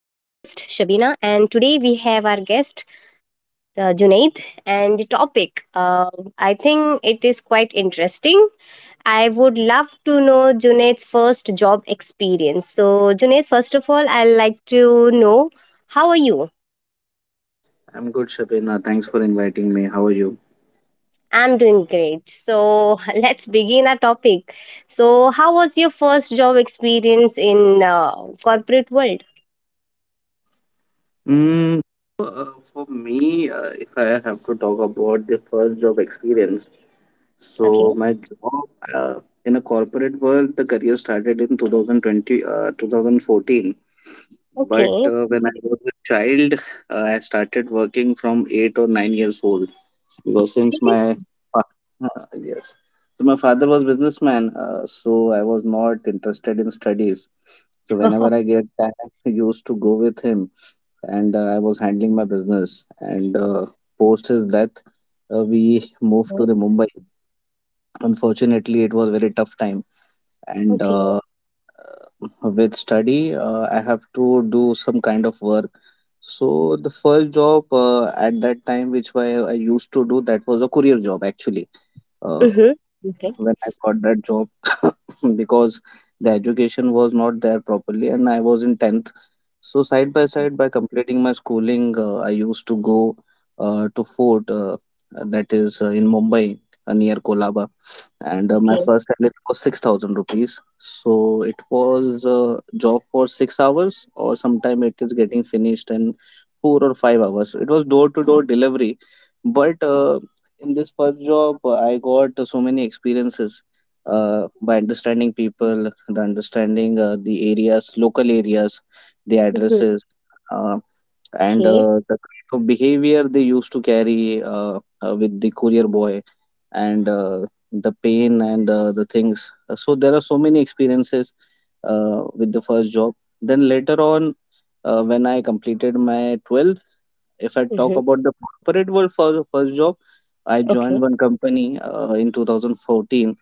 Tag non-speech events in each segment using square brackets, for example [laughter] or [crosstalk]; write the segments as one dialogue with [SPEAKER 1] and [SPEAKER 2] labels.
[SPEAKER 1] Shabina, and today we have our guest, Junaid, and the topic. I think it is quite interesting. I would love to know Junaid's first job experience. So, Junaid, first of all, I'd like to know how are you?
[SPEAKER 2] I'm good, Shabina. Thanks for inviting me. How are you?
[SPEAKER 1] I'm doing great. So, [laughs] let's begin our topic. So, how was your first job experience in corporate world?
[SPEAKER 2] Mm, so, uh, for me, if I have to talk about the first job experience,
[SPEAKER 1] Okay.
[SPEAKER 2] so my job in a corporate world, the career started in 2020, 2014. But
[SPEAKER 1] Okay.
[SPEAKER 2] when I was a child, I started working from 8 or 9 years old because since
[SPEAKER 1] Serious?
[SPEAKER 2] fa- [laughs] yes, so my father was businessman, so I was not interested in studies. So whenever I
[SPEAKER 1] [laughs]
[SPEAKER 2] get time, [laughs] I used to go with him, and I was handling my business. And post his death, we moved to
[SPEAKER 1] Okay.
[SPEAKER 2] the Mumbai. Unfortunately, it was very tough time, and
[SPEAKER 1] Okay.
[SPEAKER 2] with study, I have to do some kind of work. So the first job at that time, which I used to do, that was a courier job actually uh,
[SPEAKER 1] Mhm.
[SPEAKER 2] when
[SPEAKER 1] Okay.
[SPEAKER 2] when I got that job [coughs] because the education was not there properly and I was in 10th. So side by side by completing my schooling, I used to go to Fort that is in Mumbai near Kolaba, and my
[SPEAKER 1] Okay.
[SPEAKER 2] first salary was 6,000 rupees. So it was a job for 6 hours, or sometime it is getting finished in 4 or 5 hours. It was door to door delivery, but in this first job, I got so many experiences by understanding people, the understanding the areas, local areas, the
[SPEAKER 1] Mhm.
[SPEAKER 2] addresses, uh, and
[SPEAKER 1] Okay.
[SPEAKER 2] the kind of behavior they used to carry with the courier boy, and the pain and the things. So there are so many experiences with the first job. Then later on, when I completed my 12th, if I talk
[SPEAKER 1] Mhm.
[SPEAKER 2] about the corporate world for the first job, I joined
[SPEAKER 1] Okay.
[SPEAKER 2] one company in 2014,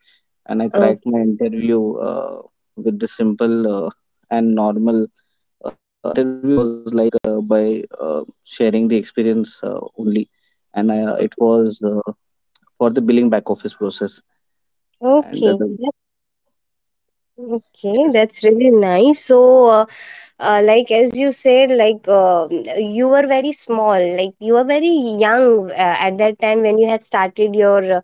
[SPEAKER 2] and I cracked
[SPEAKER 1] Okay.
[SPEAKER 2] my interview with the simple and normal interview. It was like by sharing the experience only, and it was for the billing back office process. And uh,
[SPEAKER 1] Okay.
[SPEAKER 2] the,
[SPEAKER 1] Yep. Okay.
[SPEAKER 2] yes.
[SPEAKER 1] That's really nice. So, uh, like as you said, like you were very small, like you were very young at that time when you had started your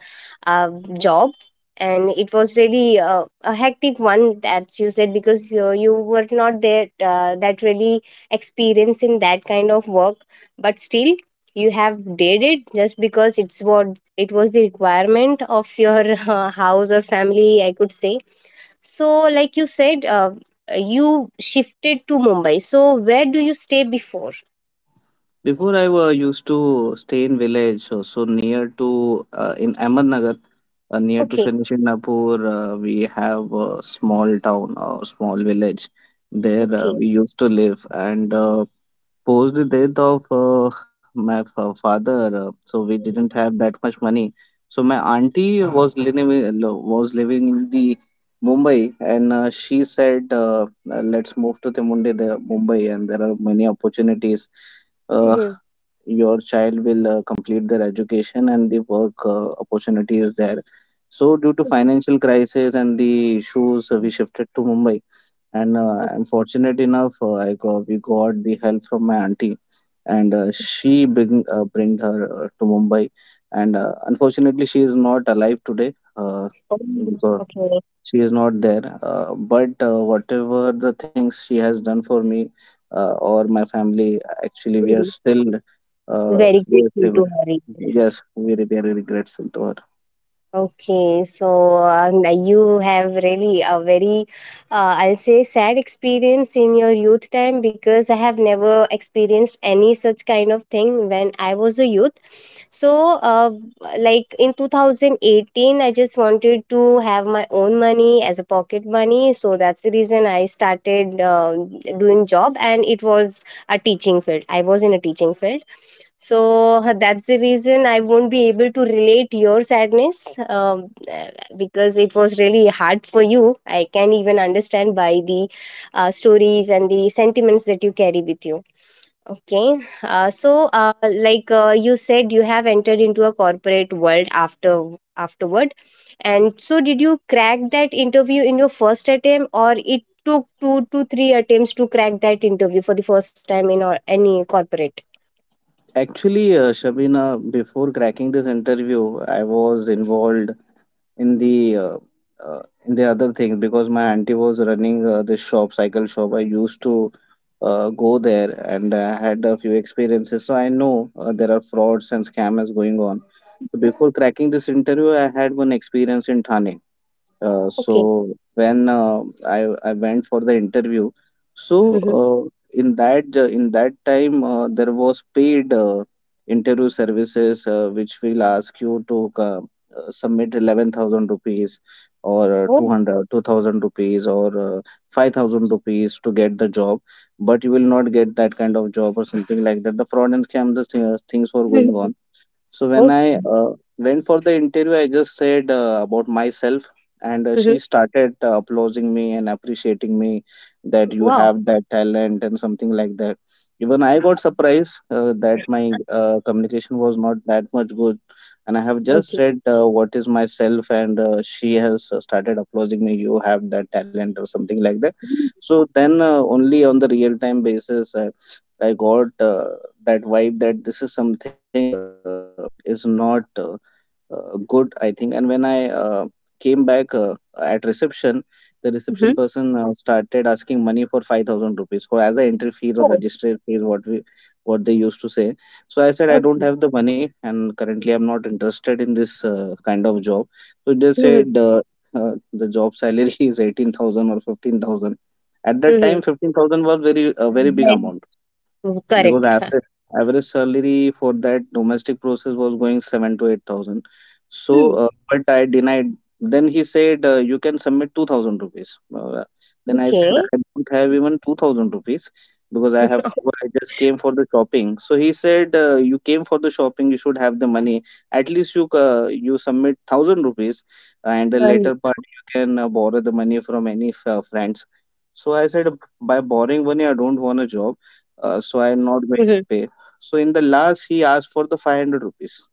[SPEAKER 1] uh, job, and it was really a hectic one, as you said, because you were not there that really experience in that kind of work, but still you have did it just because it's what it was the requirement of your [laughs] house or family, I could say. So, like you said, you shifted to Mumbai. So, where do you stay before?
[SPEAKER 2] Before I were used to stay in village, so near to in Ahmednagar, near to
[SPEAKER 1] Okay,
[SPEAKER 2] Shani Shignapur, we have a small town or small village. There
[SPEAKER 1] okay.
[SPEAKER 2] we used to live, and post the death of my father, so we didn't have that much money. So my auntie was living in the Mumbai, and she said, "Let's move to the Munde, the Mumbai, and there are many opportunities. uh,
[SPEAKER 1] Mhm.
[SPEAKER 2] your child will complete their education and the work opportunity is there." So due to financial crisis and the issues, we shifted to Mumbai. And
[SPEAKER 1] Oh.
[SPEAKER 2] I'm fortunate enough, we got the help from my auntie, and she bring bring her to Mumbai. And unfortunately, she is not alive today. Because
[SPEAKER 1] Okay.
[SPEAKER 2] she is not there, but whatever the things she has done for me or my family, actually
[SPEAKER 1] Mm.
[SPEAKER 2] uh,
[SPEAKER 1] Very
[SPEAKER 2] we are
[SPEAKER 1] grateful
[SPEAKER 2] still,
[SPEAKER 1] to hear this.
[SPEAKER 2] yes, very very grateful to her.
[SPEAKER 1] Okay, so you have really a very, I'll say, sad experience in your youth time because I have never experienced any such kind of thing when I was a youth. So, like in 2018, I just wanted to have my own money as a pocket money. So that's the reason I started doing job, and it was a teaching field. I was in a teaching field. So that's the reason I won't be able to relate your sadness, because it was really hard for you. I can even understand by the stories and the sentiments that you carry with you. Okay. So, like you said, you have entered into a corporate world afterward, and so did you crack that interview in your first attempt, or it took two to three attempts to crack that interview for the first time in or any corporate?
[SPEAKER 2] Actually Shabina, before cracking this interview, I was involved in the uh, uh, in the other things, because my auntie was running this shop cycle shop. I used to go there and had a few experiences, so I know there are frauds and scams going on. So before cracking this interview, I had one experience in Thane.
[SPEAKER 1] Okay.
[SPEAKER 2] So when I went for the interview, so
[SPEAKER 1] Mm-hmm.
[SPEAKER 2] uh, in that time, there was paid interview services, which will ask you to submit 11,000 rupees or
[SPEAKER 1] Oh.
[SPEAKER 2] 200 rupees or 5,000 rupees to get the job, but you will not get that kind of job or something like that. The fraud and scam, the thing, things were going
[SPEAKER 1] Mm-hmm.
[SPEAKER 2] on. So when
[SPEAKER 1] Oh.
[SPEAKER 2] I went for the interview, I just said about myself, and she
[SPEAKER 1] Mm-hmm.
[SPEAKER 2] started applauding me and appreciating me that you
[SPEAKER 1] Wow.
[SPEAKER 2] have that talent and something like that. Even I got surprised that my communication was not that much good, and I have
[SPEAKER 1] Okay.
[SPEAKER 2] just said what is myself, and she has started applauding me. You have that talent or something like that. So then only on the real time basis. I got that vibe that this is something is not good, I think. And when I came back at reception, the reception
[SPEAKER 1] Mm-hmm.
[SPEAKER 2] person started asking money for 5,000 rupees for as a entry fees or
[SPEAKER 1] Oh.
[SPEAKER 2] registry fees, what they used to say. So I said I don't
[SPEAKER 1] Okay.
[SPEAKER 2] have the money, and currently I'm not interested in this kind of job. So they
[SPEAKER 1] Mm-hmm.
[SPEAKER 2] said, the job salary [laughs] is 18,000 or 15,000. At that
[SPEAKER 1] Mm-hmm.
[SPEAKER 2] time, 15,000 was very a very big amount, because
[SPEAKER 1] Correct.
[SPEAKER 2] average salary for that domestic process was going 7 to 8 thousand. So,
[SPEAKER 1] Hmm.
[SPEAKER 2] but I denied. Then he said, you can submit 2,000 rupees. Then I said
[SPEAKER 1] Okay.
[SPEAKER 2] I don't have even 2,000 rupees, because I have to
[SPEAKER 1] [laughs]
[SPEAKER 2] go. I just came for the shopping. So he said, you came for the shopping. You should have the money. At least you you submit thousand rupees, and the
[SPEAKER 1] Um,
[SPEAKER 2] later part you can borrow the money from any friends. So I said, by borrowing money I don't want a job, so
[SPEAKER 1] mhm.
[SPEAKER 2] I'm not going to pay. So in the last, he asked for the 500 rupees.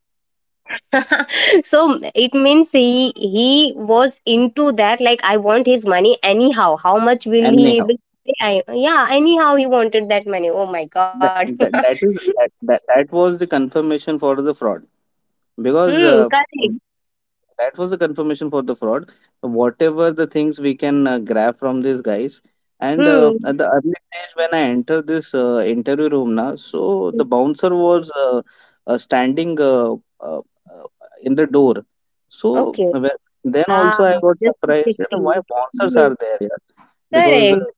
[SPEAKER 1] So it means he was into that, like, I want his money anyhow. How much will he
[SPEAKER 2] Anyhow,
[SPEAKER 1] able to pay? Yeah, anyhow he wanted that money. Oh my god.
[SPEAKER 2] that,
[SPEAKER 1] [laughs]
[SPEAKER 2] that, that is that, that that was the confirmation for the fraud, because
[SPEAKER 1] Hmm, correct.
[SPEAKER 2] that was the confirmation for the fraud, whatever the things we can grab from these guys. And
[SPEAKER 1] Hmm.
[SPEAKER 2] at the early stage, when I entered this interview room now, so the bouncer was standing uh, uh, in the door.
[SPEAKER 1] Okay.
[SPEAKER 2] Then
[SPEAKER 1] Ah,
[SPEAKER 2] also I got
[SPEAKER 1] just
[SPEAKER 2] surprised, yeah, why
[SPEAKER 1] 50.
[SPEAKER 2] bouncers
[SPEAKER 1] Hmm,
[SPEAKER 2] are there, yeah, because
[SPEAKER 1] correct.
[SPEAKER 2] uh,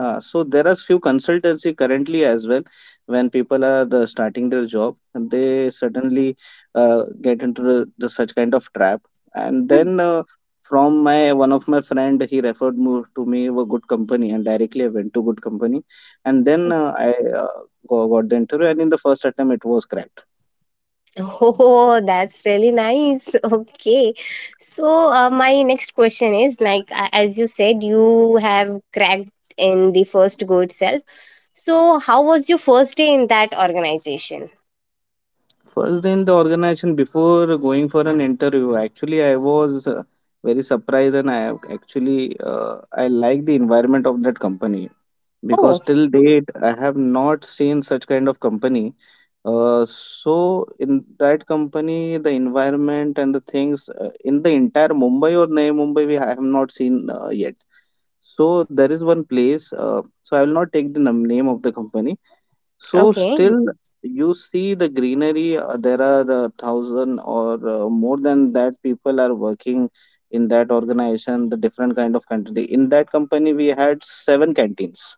[SPEAKER 2] uh, so there are few consultancy currently as well. When people are starting their job, they certainly get into the such kind of trap. And
[SPEAKER 1] Hmm.
[SPEAKER 2] then from my one of my friend, he referred me a good company, and directly I went to good company. And then I got the interview, and in the first attempt, it was cracked.
[SPEAKER 1] Oh, that's really nice. [laughs] Okay. So, my next question is like, as you said, you have cracked in the first go itself. So, how was your first day in that organization?
[SPEAKER 2] First in the organization, before going for an interview, actually I was. Very surprised, and I have actually I like the environment of that company, because
[SPEAKER 1] Oh,
[SPEAKER 2] till date I have not seen such kind of company. So in that company, the environment and the things in the entire Mumbai or Navi Mumbai, we I have not seen yet. So there is one place. So I will not take the name of the company. So
[SPEAKER 1] okay.
[SPEAKER 2] still you see the greenery. There are thousand or more than that people are working in that organization. The different kind of country. In that company, we had seven canteens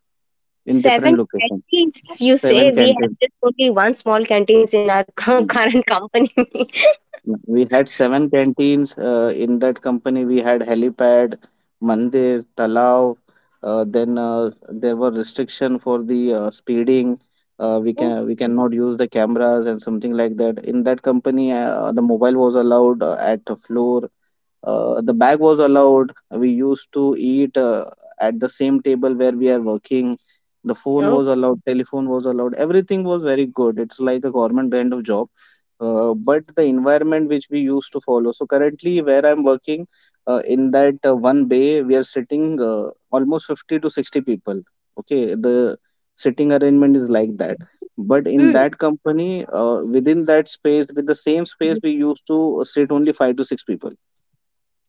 [SPEAKER 2] in
[SPEAKER 1] Seven
[SPEAKER 2] different locations.
[SPEAKER 1] canteens. You say
[SPEAKER 2] Seven
[SPEAKER 1] we have
[SPEAKER 2] canteen.
[SPEAKER 1] just only one small canteens in our [laughs] current company. [laughs]
[SPEAKER 2] We had seven canteens in that company. We had helipad, mandir, talao. Then there were restriction for the speeding. We
[SPEAKER 1] Oh.
[SPEAKER 2] can we cannot use the cameras and something like that. In that company, the mobile was allowed at the floor. The bag was allowed. We used to eat at the same table where we are working. The phone
[SPEAKER 1] Oh.
[SPEAKER 2] was allowed. Telephone was allowed. Everything was very good. It's like a government kind of job, but the environment which we used to follow. So currently, where I'm working, in that one bay, we are sitting almost 50 to 60 people. Okay, the sitting arrangement is like that. But in
[SPEAKER 1] Hmm.
[SPEAKER 2] that company, within that space, with the same space, we used to sit only five to six people.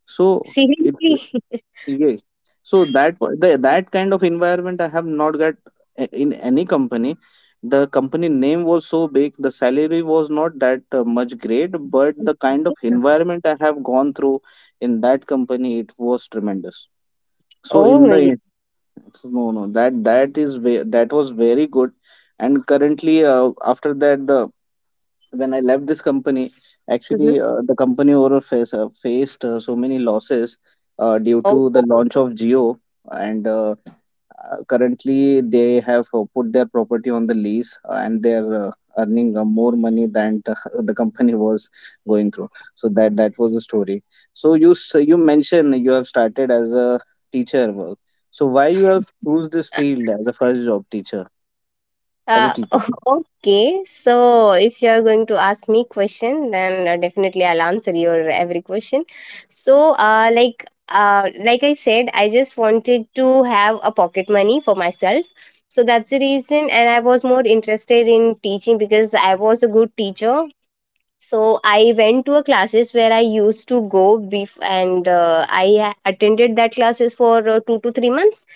[SPEAKER 2] So it.
[SPEAKER 1] Seriously?
[SPEAKER 2] Yes. So that kind of environment I have not got in any company. The company name was so big, the salary was not that much great, but the
[SPEAKER 1] [laughs]
[SPEAKER 2] kind of environment I have gone through in that company, it was tremendous. So
[SPEAKER 1] Oh,
[SPEAKER 2] in
[SPEAKER 1] yeah.
[SPEAKER 2] the no that that was very good. And currently after that the when I left this company, actually
[SPEAKER 1] Mhm.
[SPEAKER 2] the company overall faced so many losses due
[SPEAKER 1] Oh.
[SPEAKER 2] to the launch of Geo, and currently they have put their property on the lease, and they're earning more money than [laughs] the company was going through. So that was the story. So you mentioned you have started as a teacher work. So why you have choose this field as a first job teacher as a
[SPEAKER 1] Uh,
[SPEAKER 2] teacher?
[SPEAKER 1] [laughs] okay, so if you are going to ask me question, then definitely I'll answer your every question. So, like I said, I just wanted to have a pocket money for myself. So that's the reason, and I was more interested in teaching because I was a good teacher, so I went to a classes where I used to go and I attended that classes for 2 to 3 months.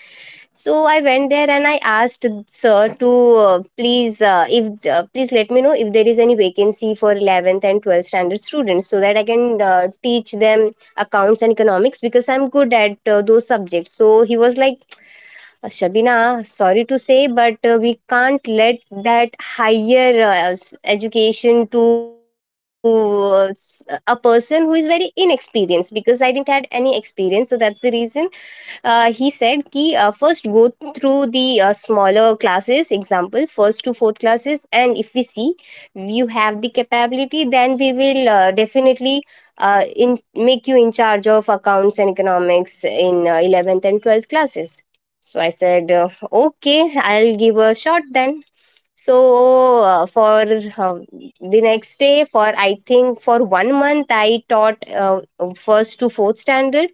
[SPEAKER 1] So I went there and I asked sir to please if please let me know if there is any vacancy for 11th and 12th standard students so that I can teach them accounts and economics because I'm good at those subjects. So he was like, Shabina, sorry to say, but we can't let that higher education to uh, s- a person who is very inexperienced because I didn't had any experience. So that's the reason he said ki first go through the smaller classes, example first to fourth classes, and if we see you have the capability, then we will definitely in make you in charge of accounts and economics in 11th and 12th classes. So I said, okay, I'll give a shot then. So for the next day, for, I think, for one month, I taught first to fourth standard,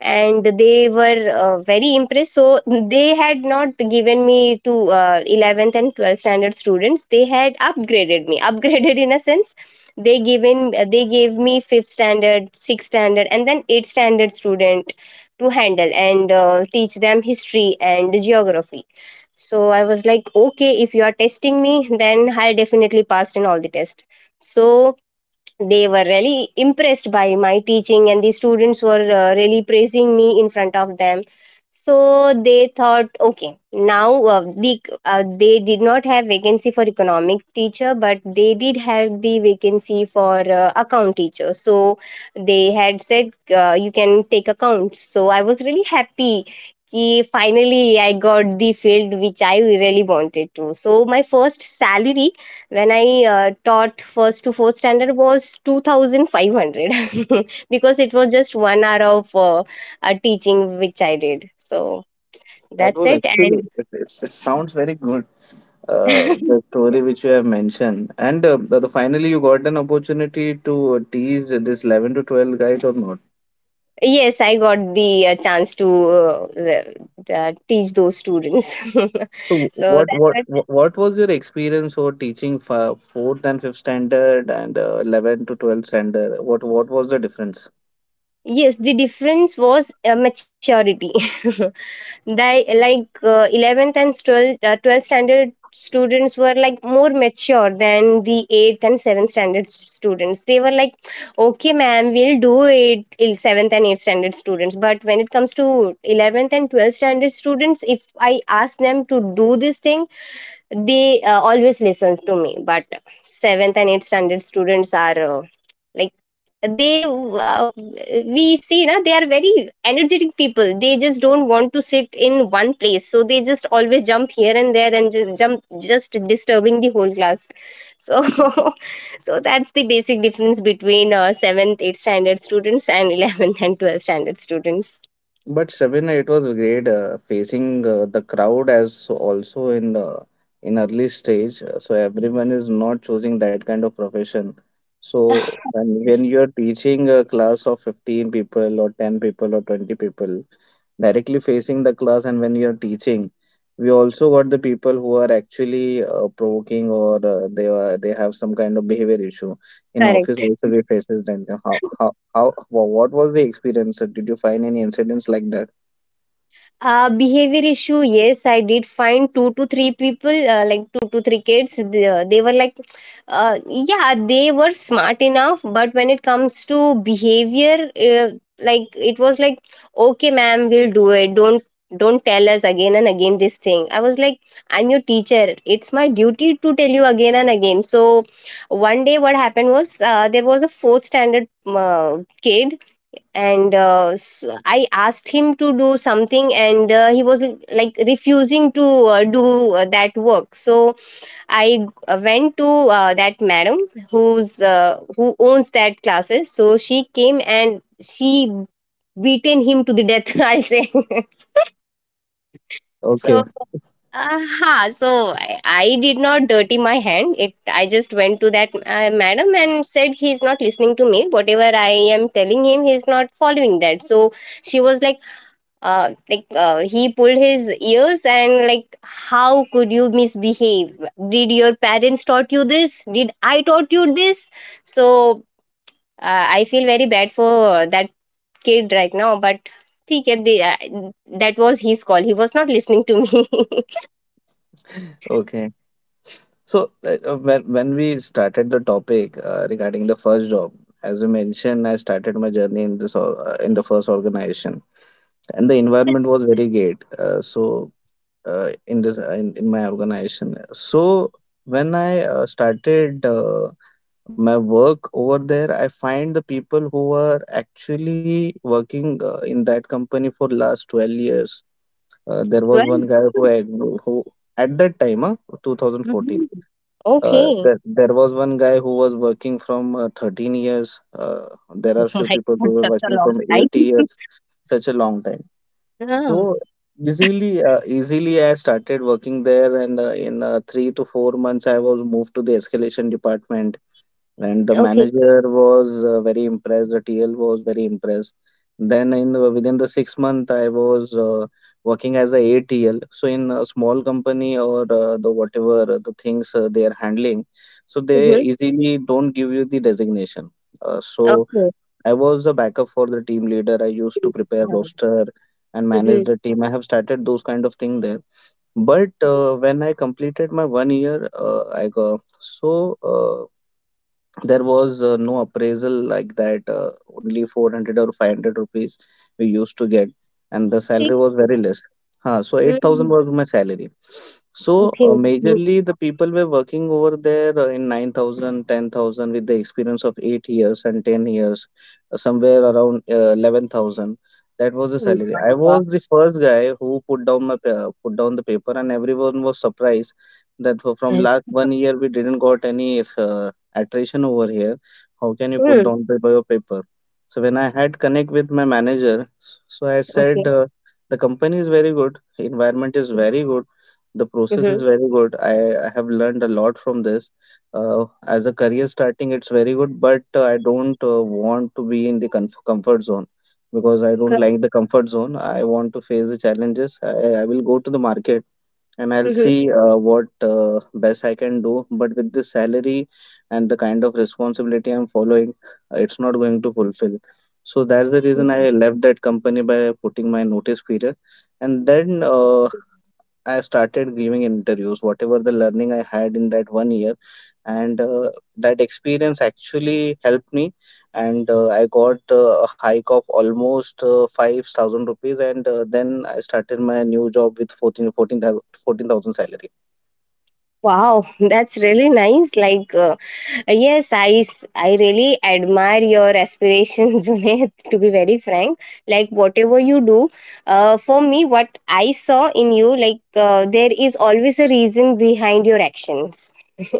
[SPEAKER 1] and they were very impressed, so they had not given me to 11th and 12th standard students. They had upgraded me [laughs] upgraded in a sense, they gave me fifth standard, sixth standard, and then eighth standard student to handle and teach them history and geography. So I was like, okay, if you are testing me, then I definitely passed in all the tests. So they were really impressed by my teaching, and the students were really praising me in front of them. So they thought, okay, now they did not have vacancy for economic teacher, but they did have the vacancy for account teacher. So they had said, you can take accounts, so I was really happy कि finally I got the field which I really wanted to. So my first salary when I taught first to fourth standard was 2,500 [laughs] because it was just one hour of teaching which I did. So
[SPEAKER 2] That
[SPEAKER 1] that's
[SPEAKER 2] was
[SPEAKER 1] it. And
[SPEAKER 2] actually it sounds very good. The
[SPEAKER 1] [laughs]
[SPEAKER 2] story which you have mentioned. And finally, you got an opportunity to tease this 11 to 12 guide or not.
[SPEAKER 1] yes, I got the chance to well, teach those students.
[SPEAKER 2] So,
[SPEAKER 1] [laughs] So that's what.
[SPEAKER 2] what was your experience for teaching for fourth and fifth standard and 11 to 12 standard? What was the difference?
[SPEAKER 1] Yes, the difference was maturity. [laughs] They, like, 12th standard students were like more mature than the 8th and 7th standard students. They were like, okay, ma'am, we'll do it. 7th and 8th standard students, but when it comes to 11th and 12th standard students, if I ask them to do this thing, they always listens to me. But seventh and eighth standard students are like, they we see na they are very energetic people, they just don't want to sit in one place, so they just always jump here and there and just jump, just disturbing the whole class. So [laughs] so that's the basic difference between 7th 8th standard students and [laughs] 11th and 12th standard students.
[SPEAKER 2] But Shabina, it was great facing the crowd as also in the in early stage. So everyone is not choosing that kind of profession.
[SPEAKER 1] [laughs] Yes.
[SPEAKER 2] So when you're teaching a class of 15 people or 10 people or 20 people, directly facing the class and when you're teaching, we also got the people who are actually provoking or they have some kind of behavior issue. In office
[SPEAKER 1] Correct.
[SPEAKER 2] also we faces that how? What was the experience? Did you find any incidents like that?
[SPEAKER 1] Behavior issue, yes, I did find two to three people, like two to three kids. They were like, yeah, they were smart enough, but when it comes to behavior, like it was like, okay, ma'am, we'll do it. Don't tell us again and again this thing. I was like, I'm your teacher. It's my duty to tell you again and again. So one day, what happened was, there was a fourth standard kid, and s I asked him to do something, and he was like refusing to do that work. So I went to that madam who owns that classes, so she came and she beaten him to the death, [laughs] I'll say. [laughs] So,
[SPEAKER 2] Okay.
[SPEAKER 1] aha, so I did not dirty my hand. It I just went to that madam and said he's not listening to me. Whatever I am telling him, he's not following that. So she was like, like, he pulled his ears and, like, how could you misbehave, did your parents taught you this, did I taught you this? So I feel very bad for that kid right now, but ठीक है, that was his call, he was not listening to me. [laughs]
[SPEAKER 2] Okay. So when we started the topic regarding the first job, as you mentioned, I started my journey in this in the first organization, and the environment was very great. In this in my organization, so when I started my work over there, I find the people who are actually working in that company for last 12 years. There was one
[SPEAKER 1] 12.
[SPEAKER 2] guy who at that time, 2014.
[SPEAKER 1] Mhm.
[SPEAKER 2] Uh,
[SPEAKER 1] Okay.
[SPEAKER 2] there, there was one guy who was working from 13 years. There are
[SPEAKER 1] [laughs] Oh
[SPEAKER 2] few
[SPEAKER 1] my
[SPEAKER 2] people who
[SPEAKER 1] god,
[SPEAKER 2] were
[SPEAKER 1] such a
[SPEAKER 2] working
[SPEAKER 1] long
[SPEAKER 2] from
[SPEAKER 1] time.
[SPEAKER 2] 8 years,
[SPEAKER 1] [laughs]
[SPEAKER 2] such a long time.
[SPEAKER 1] Ah,
[SPEAKER 2] So easily, easily I started working there, and in 3 to 4 months, I was moved to the escalation department, and the
[SPEAKER 1] okay.
[SPEAKER 2] manager was very impressed. The tl was very impressed. Then within the 6 month, I was working as a atl. So in a small company or the whatever the things they are handling, so they
[SPEAKER 1] Mm-hmm.
[SPEAKER 2] easily don't give you the designation. So
[SPEAKER 1] Okay.
[SPEAKER 2] I was a backup for the team leader. I used to prepare
[SPEAKER 1] [laughs]
[SPEAKER 2] roster and manage
[SPEAKER 1] Mm-hmm.
[SPEAKER 2] the team. I have started those kind of thing there. But when I completed my one year, I got so uh, there was no appraisal like that. Only 400 or 500 rupees we used to get, and the salary was
[SPEAKER 1] Seriously?
[SPEAKER 2] very less. So 8,000
[SPEAKER 1] Mm,
[SPEAKER 2] was my salary. So
[SPEAKER 1] okay. Mm.
[SPEAKER 2] majorly the people were working over there in 9,000, 10,000 with the experience of 8 years and 10 years, somewhere around 11,000. That was the
[SPEAKER 1] Oh
[SPEAKER 2] salary.
[SPEAKER 1] my
[SPEAKER 2] I
[SPEAKER 1] God.
[SPEAKER 2] was the first guy who put down the paper, and everyone was surprised that for, from
[SPEAKER 1] Right.
[SPEAKER 2] last one year, we didn't got any uh, attrition over here. How can you put
[SPEAKER 1] Hmm.
[SPEAKER 2] down paper your paper? So when I had connect with my manager, so I
[SPEAKER 1] Okay.
[SPEAKER 2] said the company is very good, environment is
[SPEAKER 1] Mm-hmm.
[SPEAKER 2] very good, the process is very good. I have learned a lot from this. As a career starting, it's very good, but I don't want to be in the comfort zone because I don't like the comfort zone. I want to face the challenges. I will go to the market and I'll
[SPEAKER 1] Mm-hmm.
[SPEAKER 2] see what best I can do. But with the salary and the kind of responsibility I'm following, it's not going to fulfill. So that's the reason I left that company by putting my notice period. And then I started giving interviews, whatever the learning I had in that one year, and that experience actually helped me. And I got a hike of almost 5,000 rupees, and then I started my new job with fourteen thousand salary.
[SPEAKER 1] Wow, [laughs] that's really nice. Like, yes, I really admire your aspirations, [laughs] Junaid, to be very frank. Like, whatever you do, for me, what I saw in you, like, there is always a reason behind your actions. [laughs]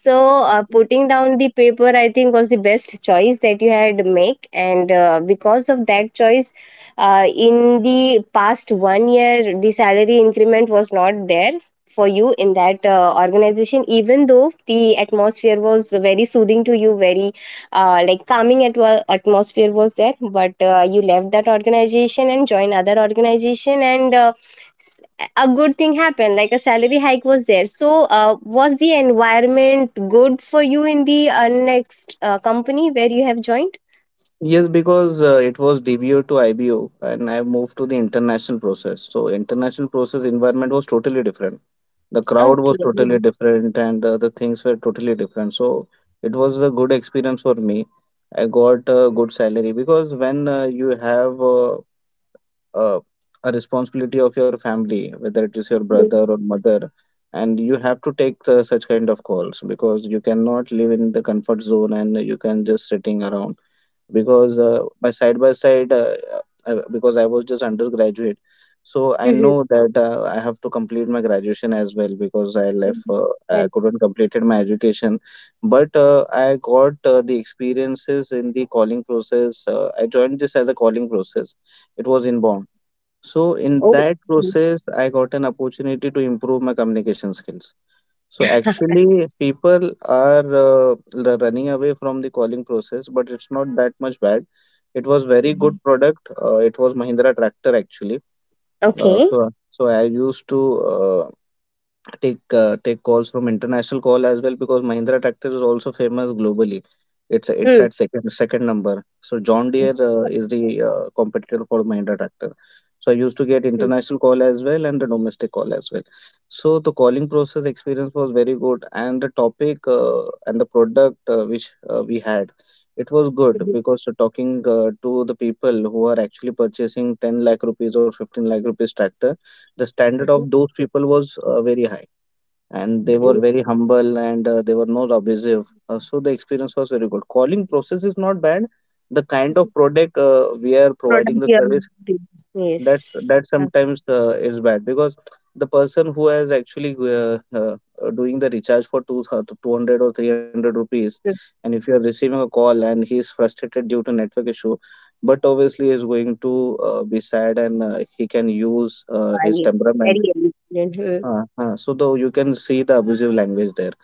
[SPEAKER 1] So, putting down the paper, I think, was the best choice that you had make. And because of that choice, in the past one year, the salary increment was not there for you in that organization, even though the atmosphere was very soothing to you, very like calming at atmosphere was there. But you left that organization and joined other organization, and s- a good thing happened, like a salary hike was there. So was the environment good for you in the next company where you have joined?
[SPEAKER 2] Yes, because it was DBO to IBO, and I moved to the international process. So, international process environment was totally different. The crowd
[SPEAKER 1] Okay.
[SPEAKER 2] was totally different, and the things were totally different. So it was a good experience for me. I got a good salary because when you have uh, a responsibility of your family, whether it is your
[SPEAKER 1] Mhm.
[SPEAKER 2] brother or mother, and you have to take the, such kind of calls because you cannot live in the comfort zone and you can just sitting around. Because by side by side, because I was just undergraduate. So I
[SPEAKER 1] Mhm.
[SPEAKER 2] know that I have to complete my graduation as well, because I left
[SPEAKER 1] Well.
[SPEAKER 2] I couldn't completed my education. But I got the experiences in the calling process. I joined this as a calling process. It was inbound. So in
[SPEAKER 1] Oh,
[SPEAKER 2] that
[SPEAKER 1] mhm.
[SPEAKER 2] process I got an opportunity to improve my communication skills. So actually, people are running away from the calling process, but it's not that much bad. It was very
[SPEAKER 1] Mhm.
[SPEAKER 2] good product. It was Mahindra tractor actually. Uh,
[SPEAKER 1] Okay.
[SPEAKER 2] so so I used to take calls from international call as well, because Mahindra tractor is also famous globally. It's
[SPEAKER 1] Hmm.
[SPEAKER 2] at second number. So John
[SPEAKER 1] Mhm.
[SPEAKER 2] Deere is the competitor for Mahindra tractor. So I used to get international call as well and the domestic call as well. So the calling process experience was very good, and the topic and the product which we had, it was good
[SPEAKER 1] Mhm.
[SPEAKER 2] because talking to the people who are actually purchasing 10 lakh rupees or 15 lakh rupees tractor. The standard of those people was very high, and they were
[SPEAKER 1] Mhm.
[SPEAKER 2] very humble, and they were not abusive. So the experience was very good. Calling process is not bad. The kind of product we are providing
[SPEAKER 1] Product
[SPEAKER 2] the
[SPEAKER 1] journey.
[SPEAKER 2] service,
[SPEAKER 1] Yes.
[SPEAKER 2] that sometimes is bad because the person who has actually doing the recharge for two hundred or 300 rupees,
[SPEAKER 1] Absolutely.
[SPEAKER 2] and if you are receiving a call and he is frustrated due to network issue. But obviously, is going to be sad, and he can use his temperament.
[SPEAKER 1] Very elegant. Mhm.
[SPEAKER 2] So though you can see the abusive language there.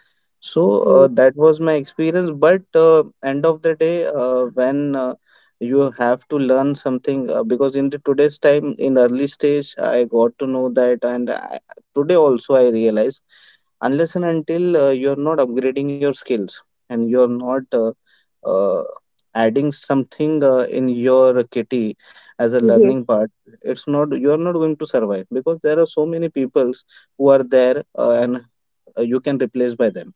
[SPEAKER 2] So
[SPEAKER 1] Mm.
[SPEAKER 2] that was my experience. But end of the day, when you have to learn something, because in the today's time, in early stage, I got to know that, and today also I realize unless and until you're not upgrading your skills, and you're not uh, adding something in your kitty as a
[SPEAKER 1] Mhm.
[SPEAKER 2] learning part, it's not you're not going to survive because there are so many peoples who are there, and you can replace by them.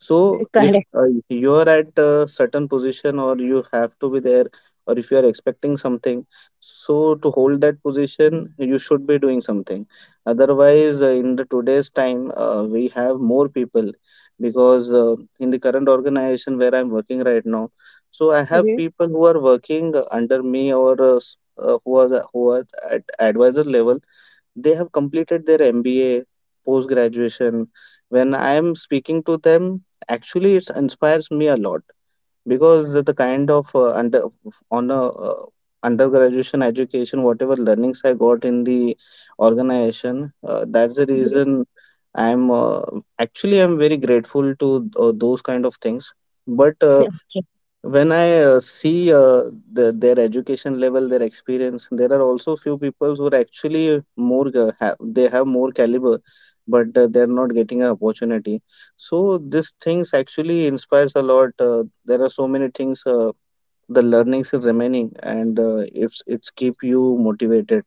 [SPEAKER 2] So
[SPEAKER 1] Correct.
[SPEAKER 2] if you're at a certain position or you have to be there, or if you are expecting something, so to hold that position, you should be doing something. Otherwise, in the today's time, we have more people, because in the current organization where I'm working right now, so I have
[SPEAKER 1] Mhm.
[SPEAKER 2] people who are working under me or who are who are at advisor level. They have completed their MBA, post graduation. When I am speaking to them, actually it inspires me a lot, because the kind of under on a undergraduation education, whatever learnings I got in the organization, that's the
[SPEAKER 1] Mhm.
[SPEAKER 2] reason I'm actually I'm very grateful to those kind of things. But
[SPEAKER 1] Okay.
[SPEAKER 2] when I see their education level, their experience, there are also few people who are actually more they have more caliber, but they're not getting an opportunity. So these things actually inspires a lot. There are so many things. The learnings is remaining, and it's keep you motivated.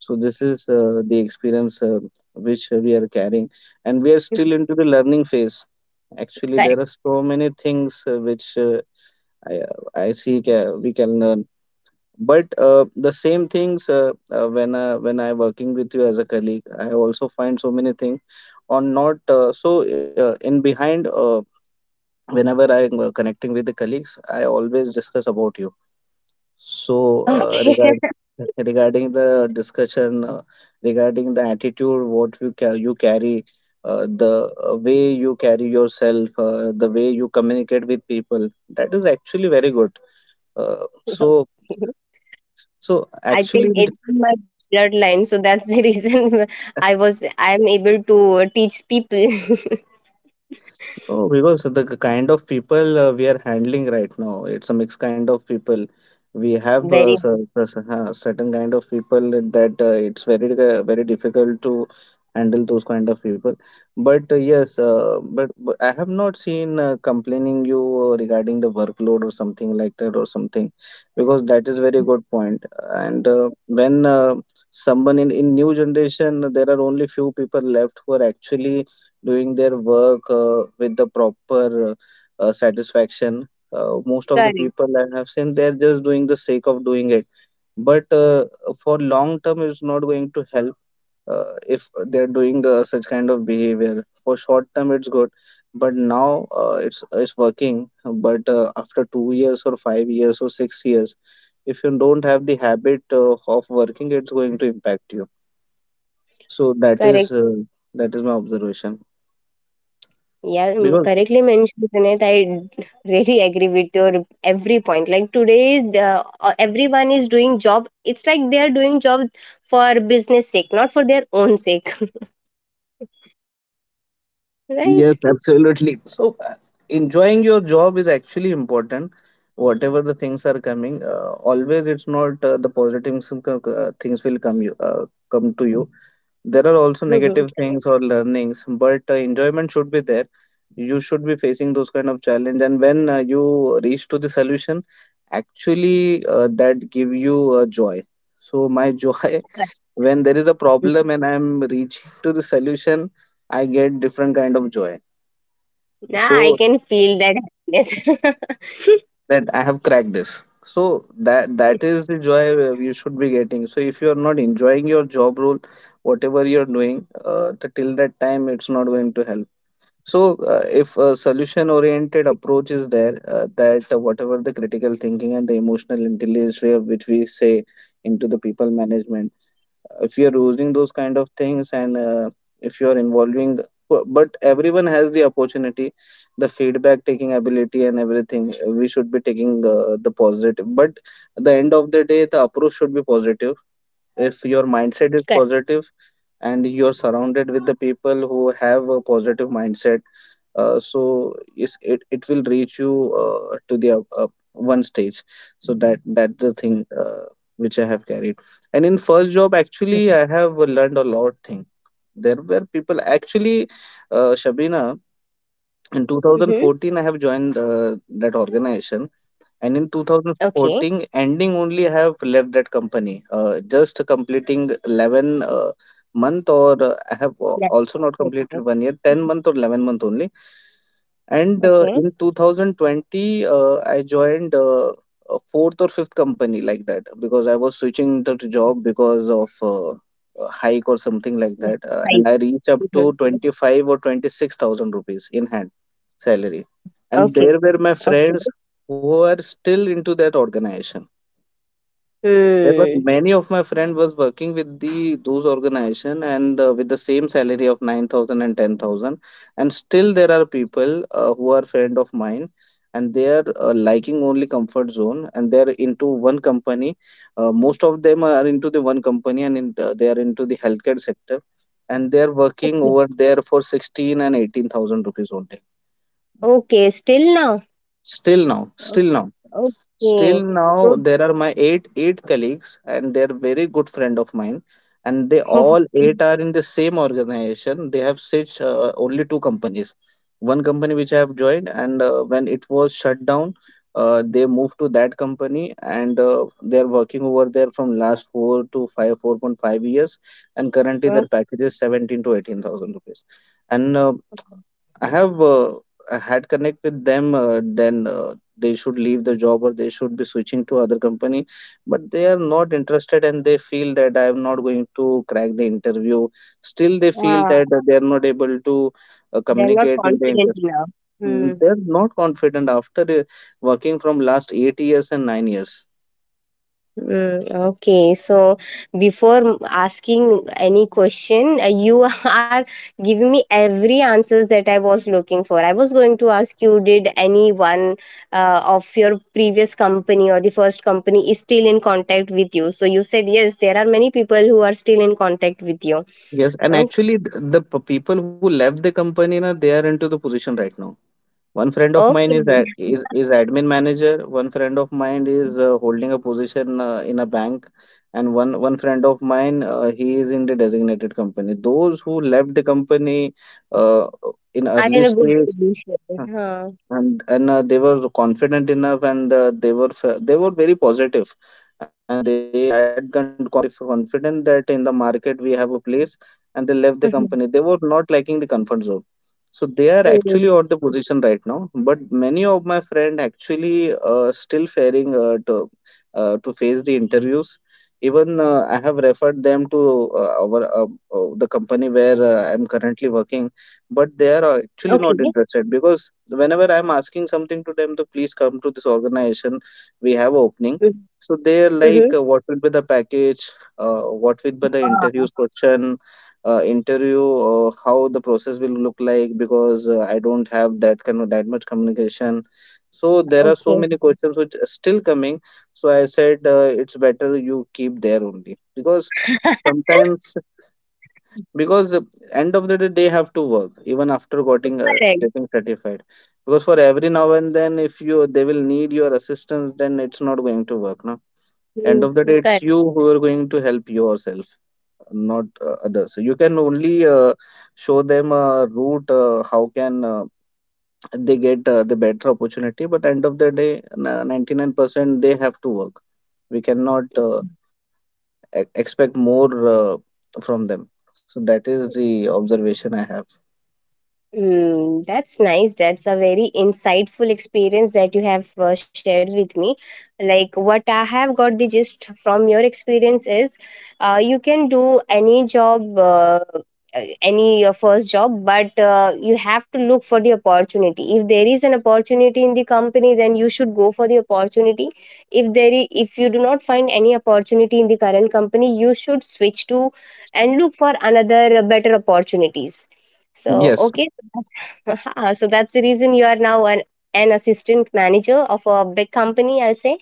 [SPEAKER 2] So this is the experience which we are carrying, and we are still into the learning phase. Actually, there are
[SPEAKER 1] Correct.
[SPEAKER 2] so many things which I I see we can learn. But the same things when I working with you as a colleague, I also find so many things on not so in behind. Whenever I am connecting with the colleagues, I always discuss about you. So uh,
[SPEAKER 1] Okay.
[SPEAKER 2] regard regarding the discussion, regarding the attitude, what you you carry, the way you carry yourself, the way you communicate with people, that is actually very good. So
[SPEAKER 1] [laughs]
[SPEAKER 2] so
[SPEAKER 1] I
[SPEAKER 2] actually
[SPEAKER 1] think
[SPEAKER 2] in
[SPEAKER 1] it's in my bloodline, so that's the reason [laughs] I am able to teach people. [laughs]
[SPEAKER 2] Oh, because the kind of people we are handling right now, it's a mixed kind of people. We have
[SPEAKER 1] Very
[SPEAKER 2] certain kind of people that it's very very difficult to handle those kind of people. But yes, but I have not seen complaining you regarding the workload or something like that or something, because that is very good point. And when someone in new generation, there are only few people left who are actually doing their work with the proper satisfaction. Most of the
[SPEAKER 1] correct.
[SPEAKER 2] people I have seen, they're just doing the sake of doing it. But for long term, it's not going to help if they're doing such kind of behavior. For short term, it's good, but now it's working. But after 2 years or 5 years or 6 years, if you don't have the habit of working, it's going to impact you. So that is
[SPEAKER 1] Correct.
[SPEAKER 2] my observation,
[SPEAKER 1] Yeah,
[SPEAKER 2] because.
[SPEAKER 1] correctly mentioned, Junaid. I really agree with your every point. Like today, everyone is doing job. It's like they are doing job for business sake, not for their own sake, [laughs] right?
[SPEAKER 2] Yes, absolutely. [laughs] So, enjoying your job is actually important. Whatever the things are coming, always it's not the positive things will come to you. There are also
[SPEAKER 1] Mhm.
[SPEAKER 2] negative things or learnings, but enjoyment should be there. You should be facing those kind of challenge, and when you reach to the solution, actually that give you joy. So my joy,
[SPEAKER 1] Correct.
[SPEAKER 2] [laughs] when there is a problem and I am reaching to the solution, I get different kind of joy,
[SPEAKER 1] Now I
[SPEAKER 2] so
[SPEAKER 1] can feel that happiness. [laughs]
[SPEAKER 2] that I have cracked this. So that is the joy you should be getting. So if you are not enjoying your job role, whatever you're doing, the, till that time, it's not going to help. So if a solution oriented approach is there, that, whatever the critical thinking and the emotional intelligence way which we say into the people management, if you're using those kind of things, and if you're involving, but everyone has the opportunity, the feedback taking ability and everything we should be taking the positive, but at the end of the day, the approach should be positive. If your mindset is
[SPEAKER 1] Correct.
[SPEAKER 2] positive and you're surrounded with the people who have a positive mindset, so is it will reach you to the up one stage. So that's the thing which I have carried. And in first job, actually, I have learned a lot thing. There were people actually, Shabina. In
[SPEAKER 1] Mm-hmm.
[SPEAKER 2] 2014, I have joined that organization. And in
[SPEAKER 1] Okay.
[SPEAKER 2] 2014 ending only, I have left that company, just completing 11 month, or I have,
[SPEAKER 1] That's
[SPEAKER 2] also not
[SPEAKER 1] okay.
[SPEAKER 2] completed one year, 10 month or 11-month only. And
[SPEAKER 1] Okay.
[SPEAKER 2] in 2020, I joined a fourth or fifth company like that, because I was switching the job because of a hike or something
[SPEAKER 1] Yeah.
[SPEAKER 2] like that.
[SPEAKER 1] Right.
[SPEAKER 2] And I reached up to
[SPEAKER 1] Mhm.
[SPEAKER 2] 25 or 26,000 rupees in hand salary. And
[SPEAKER 1] Okay.
[SPEAKER 2] there were my
[SPEAKER 1] Okay.
[SPEAKER 2] friends who are still into that organization. There were
[SPEAKER 1] Hmm.
[SPEAKER 2] many of my friend was working with the those organization, and with the same salary of 9,000 and 10,000, and still there are people who are friend of mine. And they are liking only comfort zone, and they are into one company. Most of them are into the one company, and in, they are into the healthcare sector, and they are working over there for 16 and 18,000 rupees only.
[SPEAKER 1] Okay. Still now.
[SPEAKER 2] Still now,
[SPEAKER 1] O-
[SPEAKER 2] still now, still
[SPEAKER 1] Okay.
[SPEAKER 2] now,
[SPEAKER 1] So.
[SPEAKER 2] there are my eight colleagues, and they're very good friend of mine, and they all
[SPEAKER 1] [laughs]
[SPEAKER 2] eight are in the same organization. They have such, only two companies. One company, which I have joined, and when it was shut down, they moved to that company, and they're working over there from last 4 to 5, 4.5 years, and currently, their
[SPEAKER 1] Okay.
[SPEAKER 2] package is 17 to 18,000 rupees. And I have uh, I had connect with them. Then they should leave the job, or they should be switching to other company, but they are not interested, and they feel that I am not going to crack the interview. Still, they feel
[SPEAKER 1] Ah,
[SPEAKER 2] that they are not able to
[SPEAKER 1] they're not
[SPEAKER 2] communicate in the
[SPEAKER 1] confident
[SPEAKER 2] interview.
[SPEAKER 1] enough. Mm.
[SPEAKER 2] They are not confident after working from last 8 years and 9 years.
[SPEAKER 1] Mm, okay, so before asking any question, you [laughs] are giving me every answers that I was looking for. I was going to ask you, did anyone of your previous company or the first company is still in contact with you? So you said yes, there are many people who are still in contact with you.
[SPEAKER 2] Yes, and
[SPEAKER 1] Oh,
[SPEAKER 2] actually, the people who left the company, na, they are into the position right now. One friend of mine
[SPEAKER 1] okay,
[SPEAKER 2] is ad- is admin manager. One friend of mine is holding a position in a bank, and one friend of mine, he is in the designated company. Those who left the company uh, in
[SPEAKER 1] are
[SPEAKER 2] early
[SPEAKER 1] in a good
[SPEAKER 2] stage,
[SPEAKER 1] position. Huh.
[SPEAKER 2] and they were confident enough, and they were very positive, and they had that kind of confidence that in the market we have a place, and they left the
[SPEAKER 1] Mhm.
[SPEAKER 2] company. They were not liking the comfort zone, so they are actually
[SPEAKER 1] Mm,
[SPEAKER 2] on the position right now, but many of my friend actually still faring, to face the interviews. Even I have referred them to our, the company where I'm currently working, but they are actually
[SPEAKER 1] okay.
[SPEAKER 2] not interested, because whenever I'm asking something to them to please come to this organization, we have opening. So they're
[SPEAKER 1] Mm-hmm.
[SPEAKER 2] like, what will be the package, what will be the interviews
[SPEAKER 1] [laughs]
[SPEAKER 2] question, interview how the process will look like, because I don't have that kind of that much communication. So there are so
[SPEAKER 1] Okay.
[SPEAKER 2] many questions which are still coming. So I said, it's better you keep there only, because
[SPEAKER 1] [laughs]
[SPEAKER 2] sometimes, because end of the day, they have to work even after getting uh,
[SPEAKER 1] Correct.
[SPEAKER 2] getting certified, because for every now and then, if you they will need your assistance, then it's not going to work, no. End
[SPEAKER 1] You,
[SPEAKER 2] of the
[SPEAKER 1] you
[SPEAKER 2] day, it's
[SPEAKER 1] correct.
[SPEAKER 2] you who are going to help yourself, not others. So you can only show them a route, how can they get the better opportunity, but end of the day, 99% they have to work. We cannot expect more from them, so that is the observation I have.
[SPEAKER 1] Mm, that's nice. That's a very insightful experience that you have shared with me. Like what I have got the gist from your experience is, you can do any job, any first job, but you have to look for the opportunity. If there is an opportunity in the company, then you should go for the opportunity. If there, if you do not find any opportunity in the current company, you should switch to and look for another better opportunities so
[SPEAKER 2] Yes,
[SPEAKER 1] okay, so [laughs] Ah, so that's the reason you are now an assistant manager of a big company, I'll say,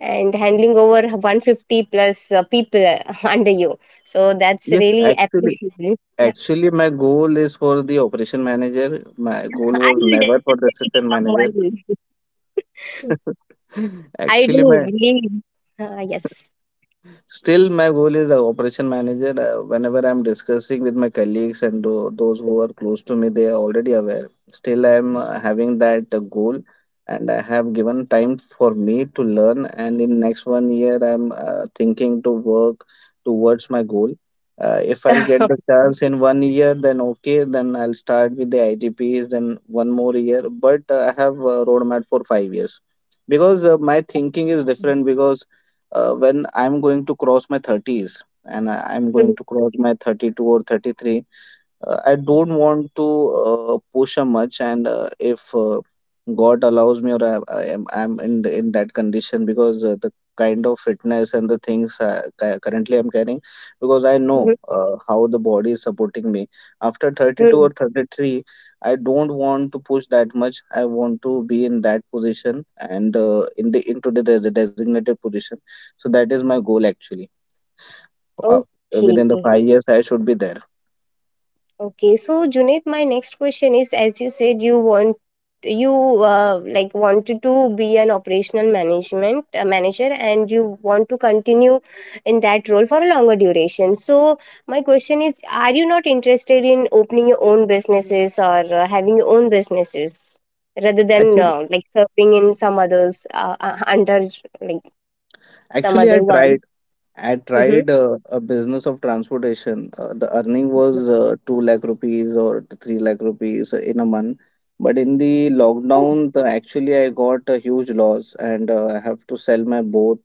[SPEAKER 1] and handling over 150 plus people [laughs] under you. So that's
[SPEAKER 2] yes,
[SPEAKER 1] really
[SPEAKER 2] actually,
[SPEAKER 1] appreciable. Yeah,
[SPEAKER 2] my goal is for the operation manager. My goal
[SPEAKER 1] [laughs] I
[SPEAKER 2] was
[SPEAKER 1] will
[SPEAKER 2] never for
[SPEAKER 1] definitely
[SPEAKER 2] the assistant manager.
[SPEAKER 1] become one.
[SPEAKER 2] [laughs]
[SPEAKER 1] I
[SPEAKER 2] Actually,
[SPEAKER 1] do
[SPEAKER 2] my
[SPEAKER 1] believe. Yes.
[SPEAKER 2] Still, my goal is the operation manager. Whenever I'm discussing with my colleagues and those who are close to me, they are already aware. Still, I'm having that goal, and I have given time for me to learn. And in next one year, I'm thinking to work towards my goal. If I'll get the chance in one year, then okay, then I'll start with the ITPs, then one more year. But I have a roadmap for 5 years, because my thinking is different, because when I'm going to cross my 30s, and I'm going to cross my 32 or 33, I don't want to push her much. And if God allows me, or I'm in in that condition, because the kind of fitness and the things, currently I'm carrying, because I know
[SPEAKER 1] [laughs]
[SPEAKER 2] how the body is supporting me. After 32 or 33, I don't want to push that much. I want to be in that position and in the into the designated position. So that is my goal, actually. Uh,
[SPEAKER 1] Okay.
[SPEAKER 2] Within the 5 years, I should be there.
[SPEAKER 1] Okay, so Junaid, my next question is as you said you want you like wanted to be an operational management manager and you want to continue in that role for a longer duration. So my question is are you not interested in opening your own businesses or having your own businesses rather than
[SPEAKER 2] Actually.
[SPEAKER 1] like serving in some others under like some
[SPEAKER 2] Actually, I
[SPEAKER 1] other one?
[SPEAKER 2] tried. I
[SPEAKER 1] Mm-hmm.
[SPEAKER 2] tried a business of transportation. The earning was 2 lakh rupees or 3 lakh rupees in a month. But in the lockdown, the, actually, I got a huge loss, and I have to sell my both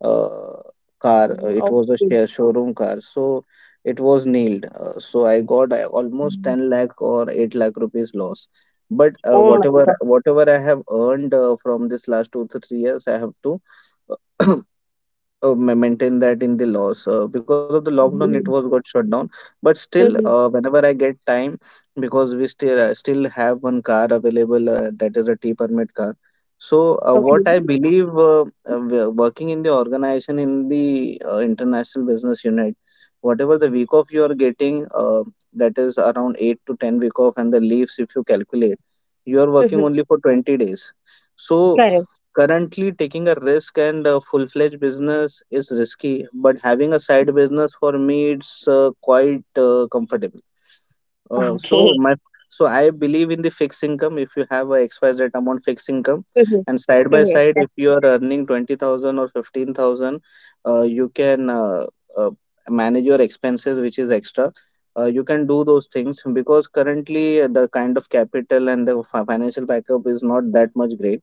[SPEAKER 2] uh, car. It
[SPEAKER 1] Oh,
[SPEAKER 2] was a
[SPEAKER 1] okay.
[SPEAKER 2] share showroom car. So it was nailed. So I got almost 10 lakh or 8 lakh rupees loss. But
[SPEAKER 1] Oh
[SPEAKER 2] whatever
[SPEAKER 1] my
[SPEAKER 2] whatever I have earned from this last 2 to 3 years, I have to [clears throat] maintain that in the loss, because of the lockdown, it was
[SPEAKER 1] God.
[SPEAKER 2] got shut down. But still
[SPEAKER 1] [laughs]
[SPEAKER 2] whenever I get time, because we still have one car available, that is a t permit car. So,
[SPEAKER 1] Okay.
[SPEAKER 2] what I believe, working in the organization in the international business unit, whatever the week off you are getting, that is around 8 to 10 week off, and the leaves, if you calculate, you are working
[SPEAKER 1] Mhm.
[SPEAKER 2] only for 20 days, so
[SPEAKER 1] Correct.
[SPEAKER 2] currently, taking a risk and a full-fledged business is risky, but having a side business for me, it's quite comfortable. Uh, so
[SPEAKER 1] Okay.
[SPEAKER 2] my so I believe in the fixed income. If you have a X Y Z amount fixed income,
[SPEAKER 1] Mhm.
[SPEAKER 2] and side by
[SPEAKER 1] Mhm. That's
[SPEAKER 2] side, if you are earning 20,000 or 15,000, you can uh, manage your expenses, which is extra. You can do those things because currently the kind of capital and the financial backup is not that much great.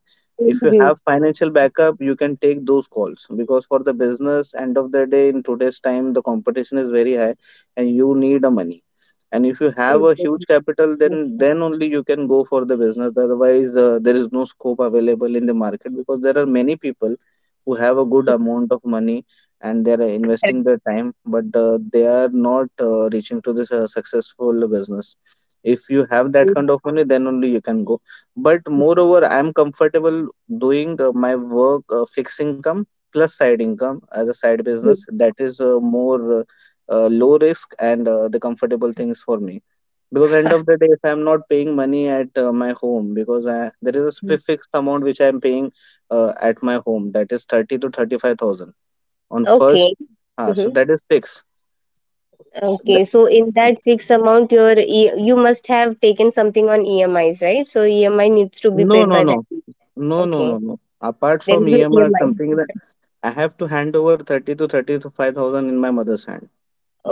[SPEAKER 2] If you
[SPEAKER 1] Mhm.
[SPEAKER 2] have financial backup, you can take those calls because for the business, end of the day, in today's time, the competition is very high, and you need a money, and if you have a
[SPEAKER 1] Mhm.
[SPEAKER 2] huge capital, then only you can go for the business. Otherwise, there is no scope available in the market because there are many people who have a good amount of money and they are
[SPEAKER 1] Correct.
[SPEAKER 2] investing their time, but they are not reaching to this successful business. If you have
[SPEAKER 1] Mhm.
[SPEAKER 2] that kind of money, then only you can go. But moreover, I am comfortable doing my work, fixed income plus side income as a side business. That is more low risk and the comfortable things for me, because end of the day, if I'm not paying money at my home, because there is a fixed amount which I'm paying at my home, that is 30 to 35,000 on first.
[SPEAKER 1] Okay.
[SPEAKER 2] So
[SPEAKER 1] Mhm.
[SPEAKER 2] that is fixed. The-
[SPEAKER 1] Okay. So in that fixed amount, your E- you must have taken something on EMIs, right? So EMI needs to be
[SPEAKER 2] no
[SPEAKER 1] paid
[SPEAKER 2] no
[SPEAKER 1] by that
[SPEAKER 2] no
[SPEAKER 1] date.
[SPEAKER 2] no, no,
[SPEAKER 1] Okay.
[SPEAKER 2] no, no apart
[SPEAKER 1] There
[SPEAKER 2] from
[SPEAKER 1] is no
[SPEAKER 2] emi or something like
[SPEAKER 1] EMI.
[SPEAKER 2] that. I have to hand over 30 to 35,000 in my mother's hand.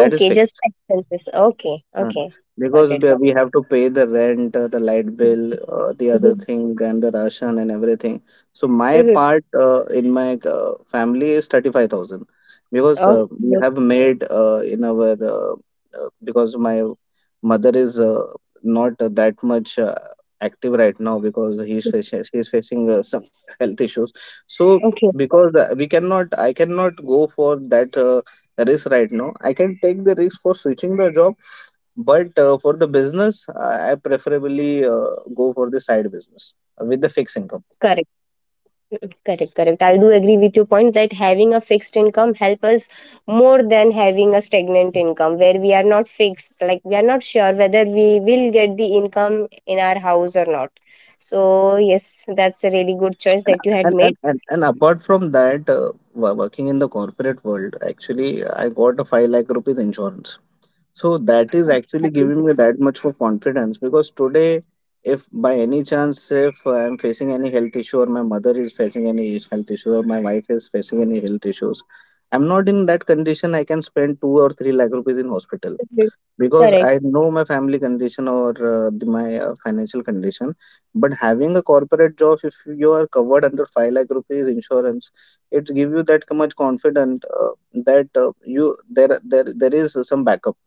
[SPEAKER 2] That is
[SPEAKER 1] Just
[SPEAKER 2] fixed.
[SPEAKER 1] expenses. Okay.
[SPEAKER 2] Mm.
[SPEAKER 1] Okay. Got
[SPEAKER 2] Because
[SPEAKER 1] it.
[SPEAKER 2] we
[SPEAKER 1] Got
[SPEAKER 2] we have to pay the rent, the light
[SPEAKER 1] it.
[SPEAKER 2] bill, the other
[SPEAKER 1] Mhm.
[SPEAKER 2] thing, and the ration and everything. So my
[SPEAKER 1] Mhm.
[SPEAKER 2] part in my family is 35,000, because
[SPEAKER 1] Okay.
[SPEAKER 2] we have made in our because my mother is not that much active right now, because he's facing some [laughs] health issues. So
[SPEAKER 1] Okay.
[SPEAKER 2] because we cannot, I cannot go for that risk right now. I can take the risk for switching the job, but for the business, I preferably go for the side business with the fixed
[SPEAKER 1] Correct.
[SPEAKER 2] income.
[SPEAKER 1] Correct, correct. I do agree with your point that having a fixed income help us more than having a stagnant income where we are not fixed, like we are not sure whether we will get the income in our house or not. So yes, that's a really good choice
[SPEAKER 2] And,
[SPEAKER 1] that you had
[SPEAKER 2] and,
[SPEAKER 1] made.
[SPEAKER 2] and, and, and apart from that, wo- working in the corporate world, actually, I got a 5 lakh rupees insurance. So that is actually giving
[SPEAKER 1] Mhm.
[SPEAKER 2] me that much of confidence, because today, if by any chance, if I'm facing any health issue, or my mother is facing health issue, or my wife is facing any health issues, I'm not in that condition I can spend 2 or 3 lakh rupees in hospital, because I
[SPEAKER 1] Correct.
[SPEAKER 2] know my family condition, or my financial condition. But having a corporate job, if you are covered under 5 lakh rupees insurance, it give you that much confident, that you there is some backup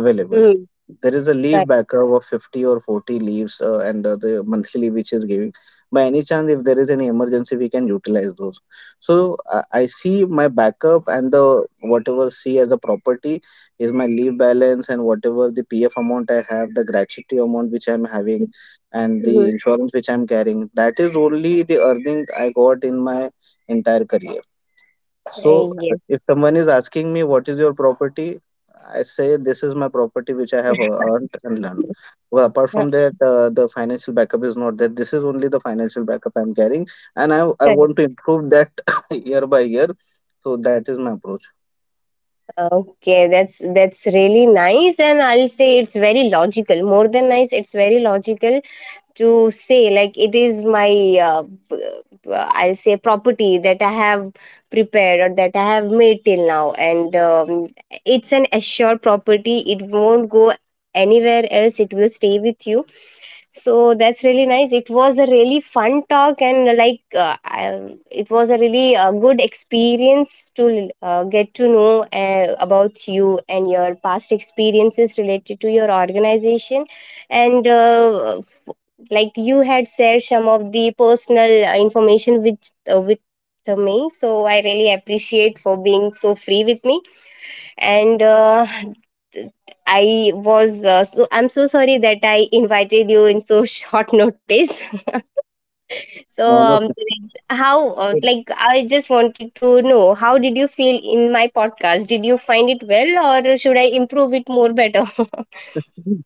[SPEAKER 2] available.
[SPEAKER 1] Hmm.
[SPEAKER 2] There is a leaf
[SPEAKER 1] Correct.
[SPEAKER 2] backer of 50 or 40 leaves, and the monthly leave which is giving. By any chance, if there is any emergency, we can utilize those. So I see my backup, and the whatever C as a property is my leave balance, and whatever the PF amount I have, the gratuity amount which I'm having, and the
[SPEAKER 1] Mhm.
[SPEAKER 2] insurance which I'm carrying. That is only the earning I got in my entire career. So
[SPEAKER 1] Uh, yes.
[SPEAKER 2] if someone is asking me what is your property, I say this is my property which I have earned and learned. Well, apart
[SPEAKER 1] Uh,
[SPEAKER 2] from that, the financial backup is not there. This is only the financial backup I'm carrying, and I
[SPEAKER 1] correct.
[SPEAKER 2] want to improve that [laughs] year by year. So that is my approach.
[SPEAKER 1] Okay, that's really nice, and I'll say it's very logical. More than nice, it's very logical to say like it is my p- I'll say property that I have prepared or that I have made till now and it's an assured property, it won't go anywhere else, it will stay with you. So that's really nice, it was a really fun talk and like it was a really good experience to get to know about you and your past experiences related to your organization and like you had shared some of the personal information with me, so I really appreciate for being so free with me and I was so I'm so sorry that I invited you in so [laughs] short notice. [laughs] So
[SPEAKER 2] No, no.
[SPEAKER 1] how
[SPEAKER 2] It
[SPEAKER 1] like I just wanted to know, how did you feel in my podcast, did you find it well or should I improve it more better?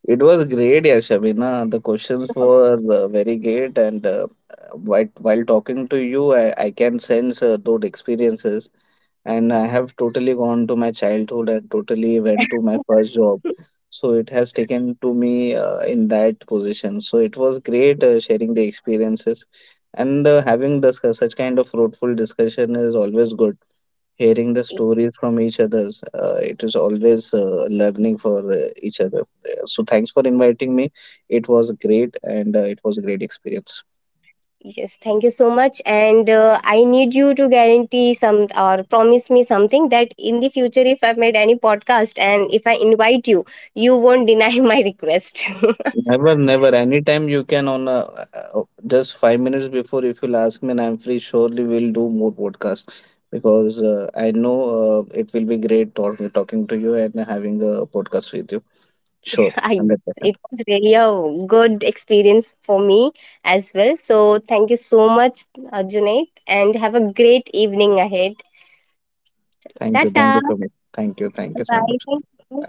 [SPEAKER 2] it was great, yeah, Shabina. The questions were very great, and while talking to you, I can sense those experiences, and I have totally gone to my childhood and totally went to my first job. So it has taken to me in that position. So it was great sharing the experiences, and having this such kind of fruitful discussion is always good. Hearing the
[SPEAKER 1] [laughs]
[SPEAKER 2] stories from each others, it is always learning for each other. So thanks for inviting me. It was great, and it was a great experience.
[SPEAKER 1] Yes, thank you so much. And I need you to guarantee some or promise me something that in the future, if I made any podcast and if I invite you, you won't deny [laughs] my request. [laughs]
[SPEAKER 2] Never, never. Anytime you can on a, just 5 minutes before, if you'll ask me and I'm free, surely we'll do more podcast, because I know it will be great talking to you and having a podcast with you. Sure,
[SPEAKER 1] Ah, yes, it
[SPEAKER 2] 100%.
[SPEAKER 1] was really a good experience for me as well. So thank you so much, Junaid, and have a great evening ahead.
[SPEAKER 2] Thank you. Thank
[SPEAKER 1] Tata.
[SPEAKER 2] you so much. Thank you. Thank
[SPEAKER 1] Bye
[SPEAKER 2] you so
[SPEAKER 1] bye.
[SPEAKER 2] much.
[SPEAKER 1] Thank you.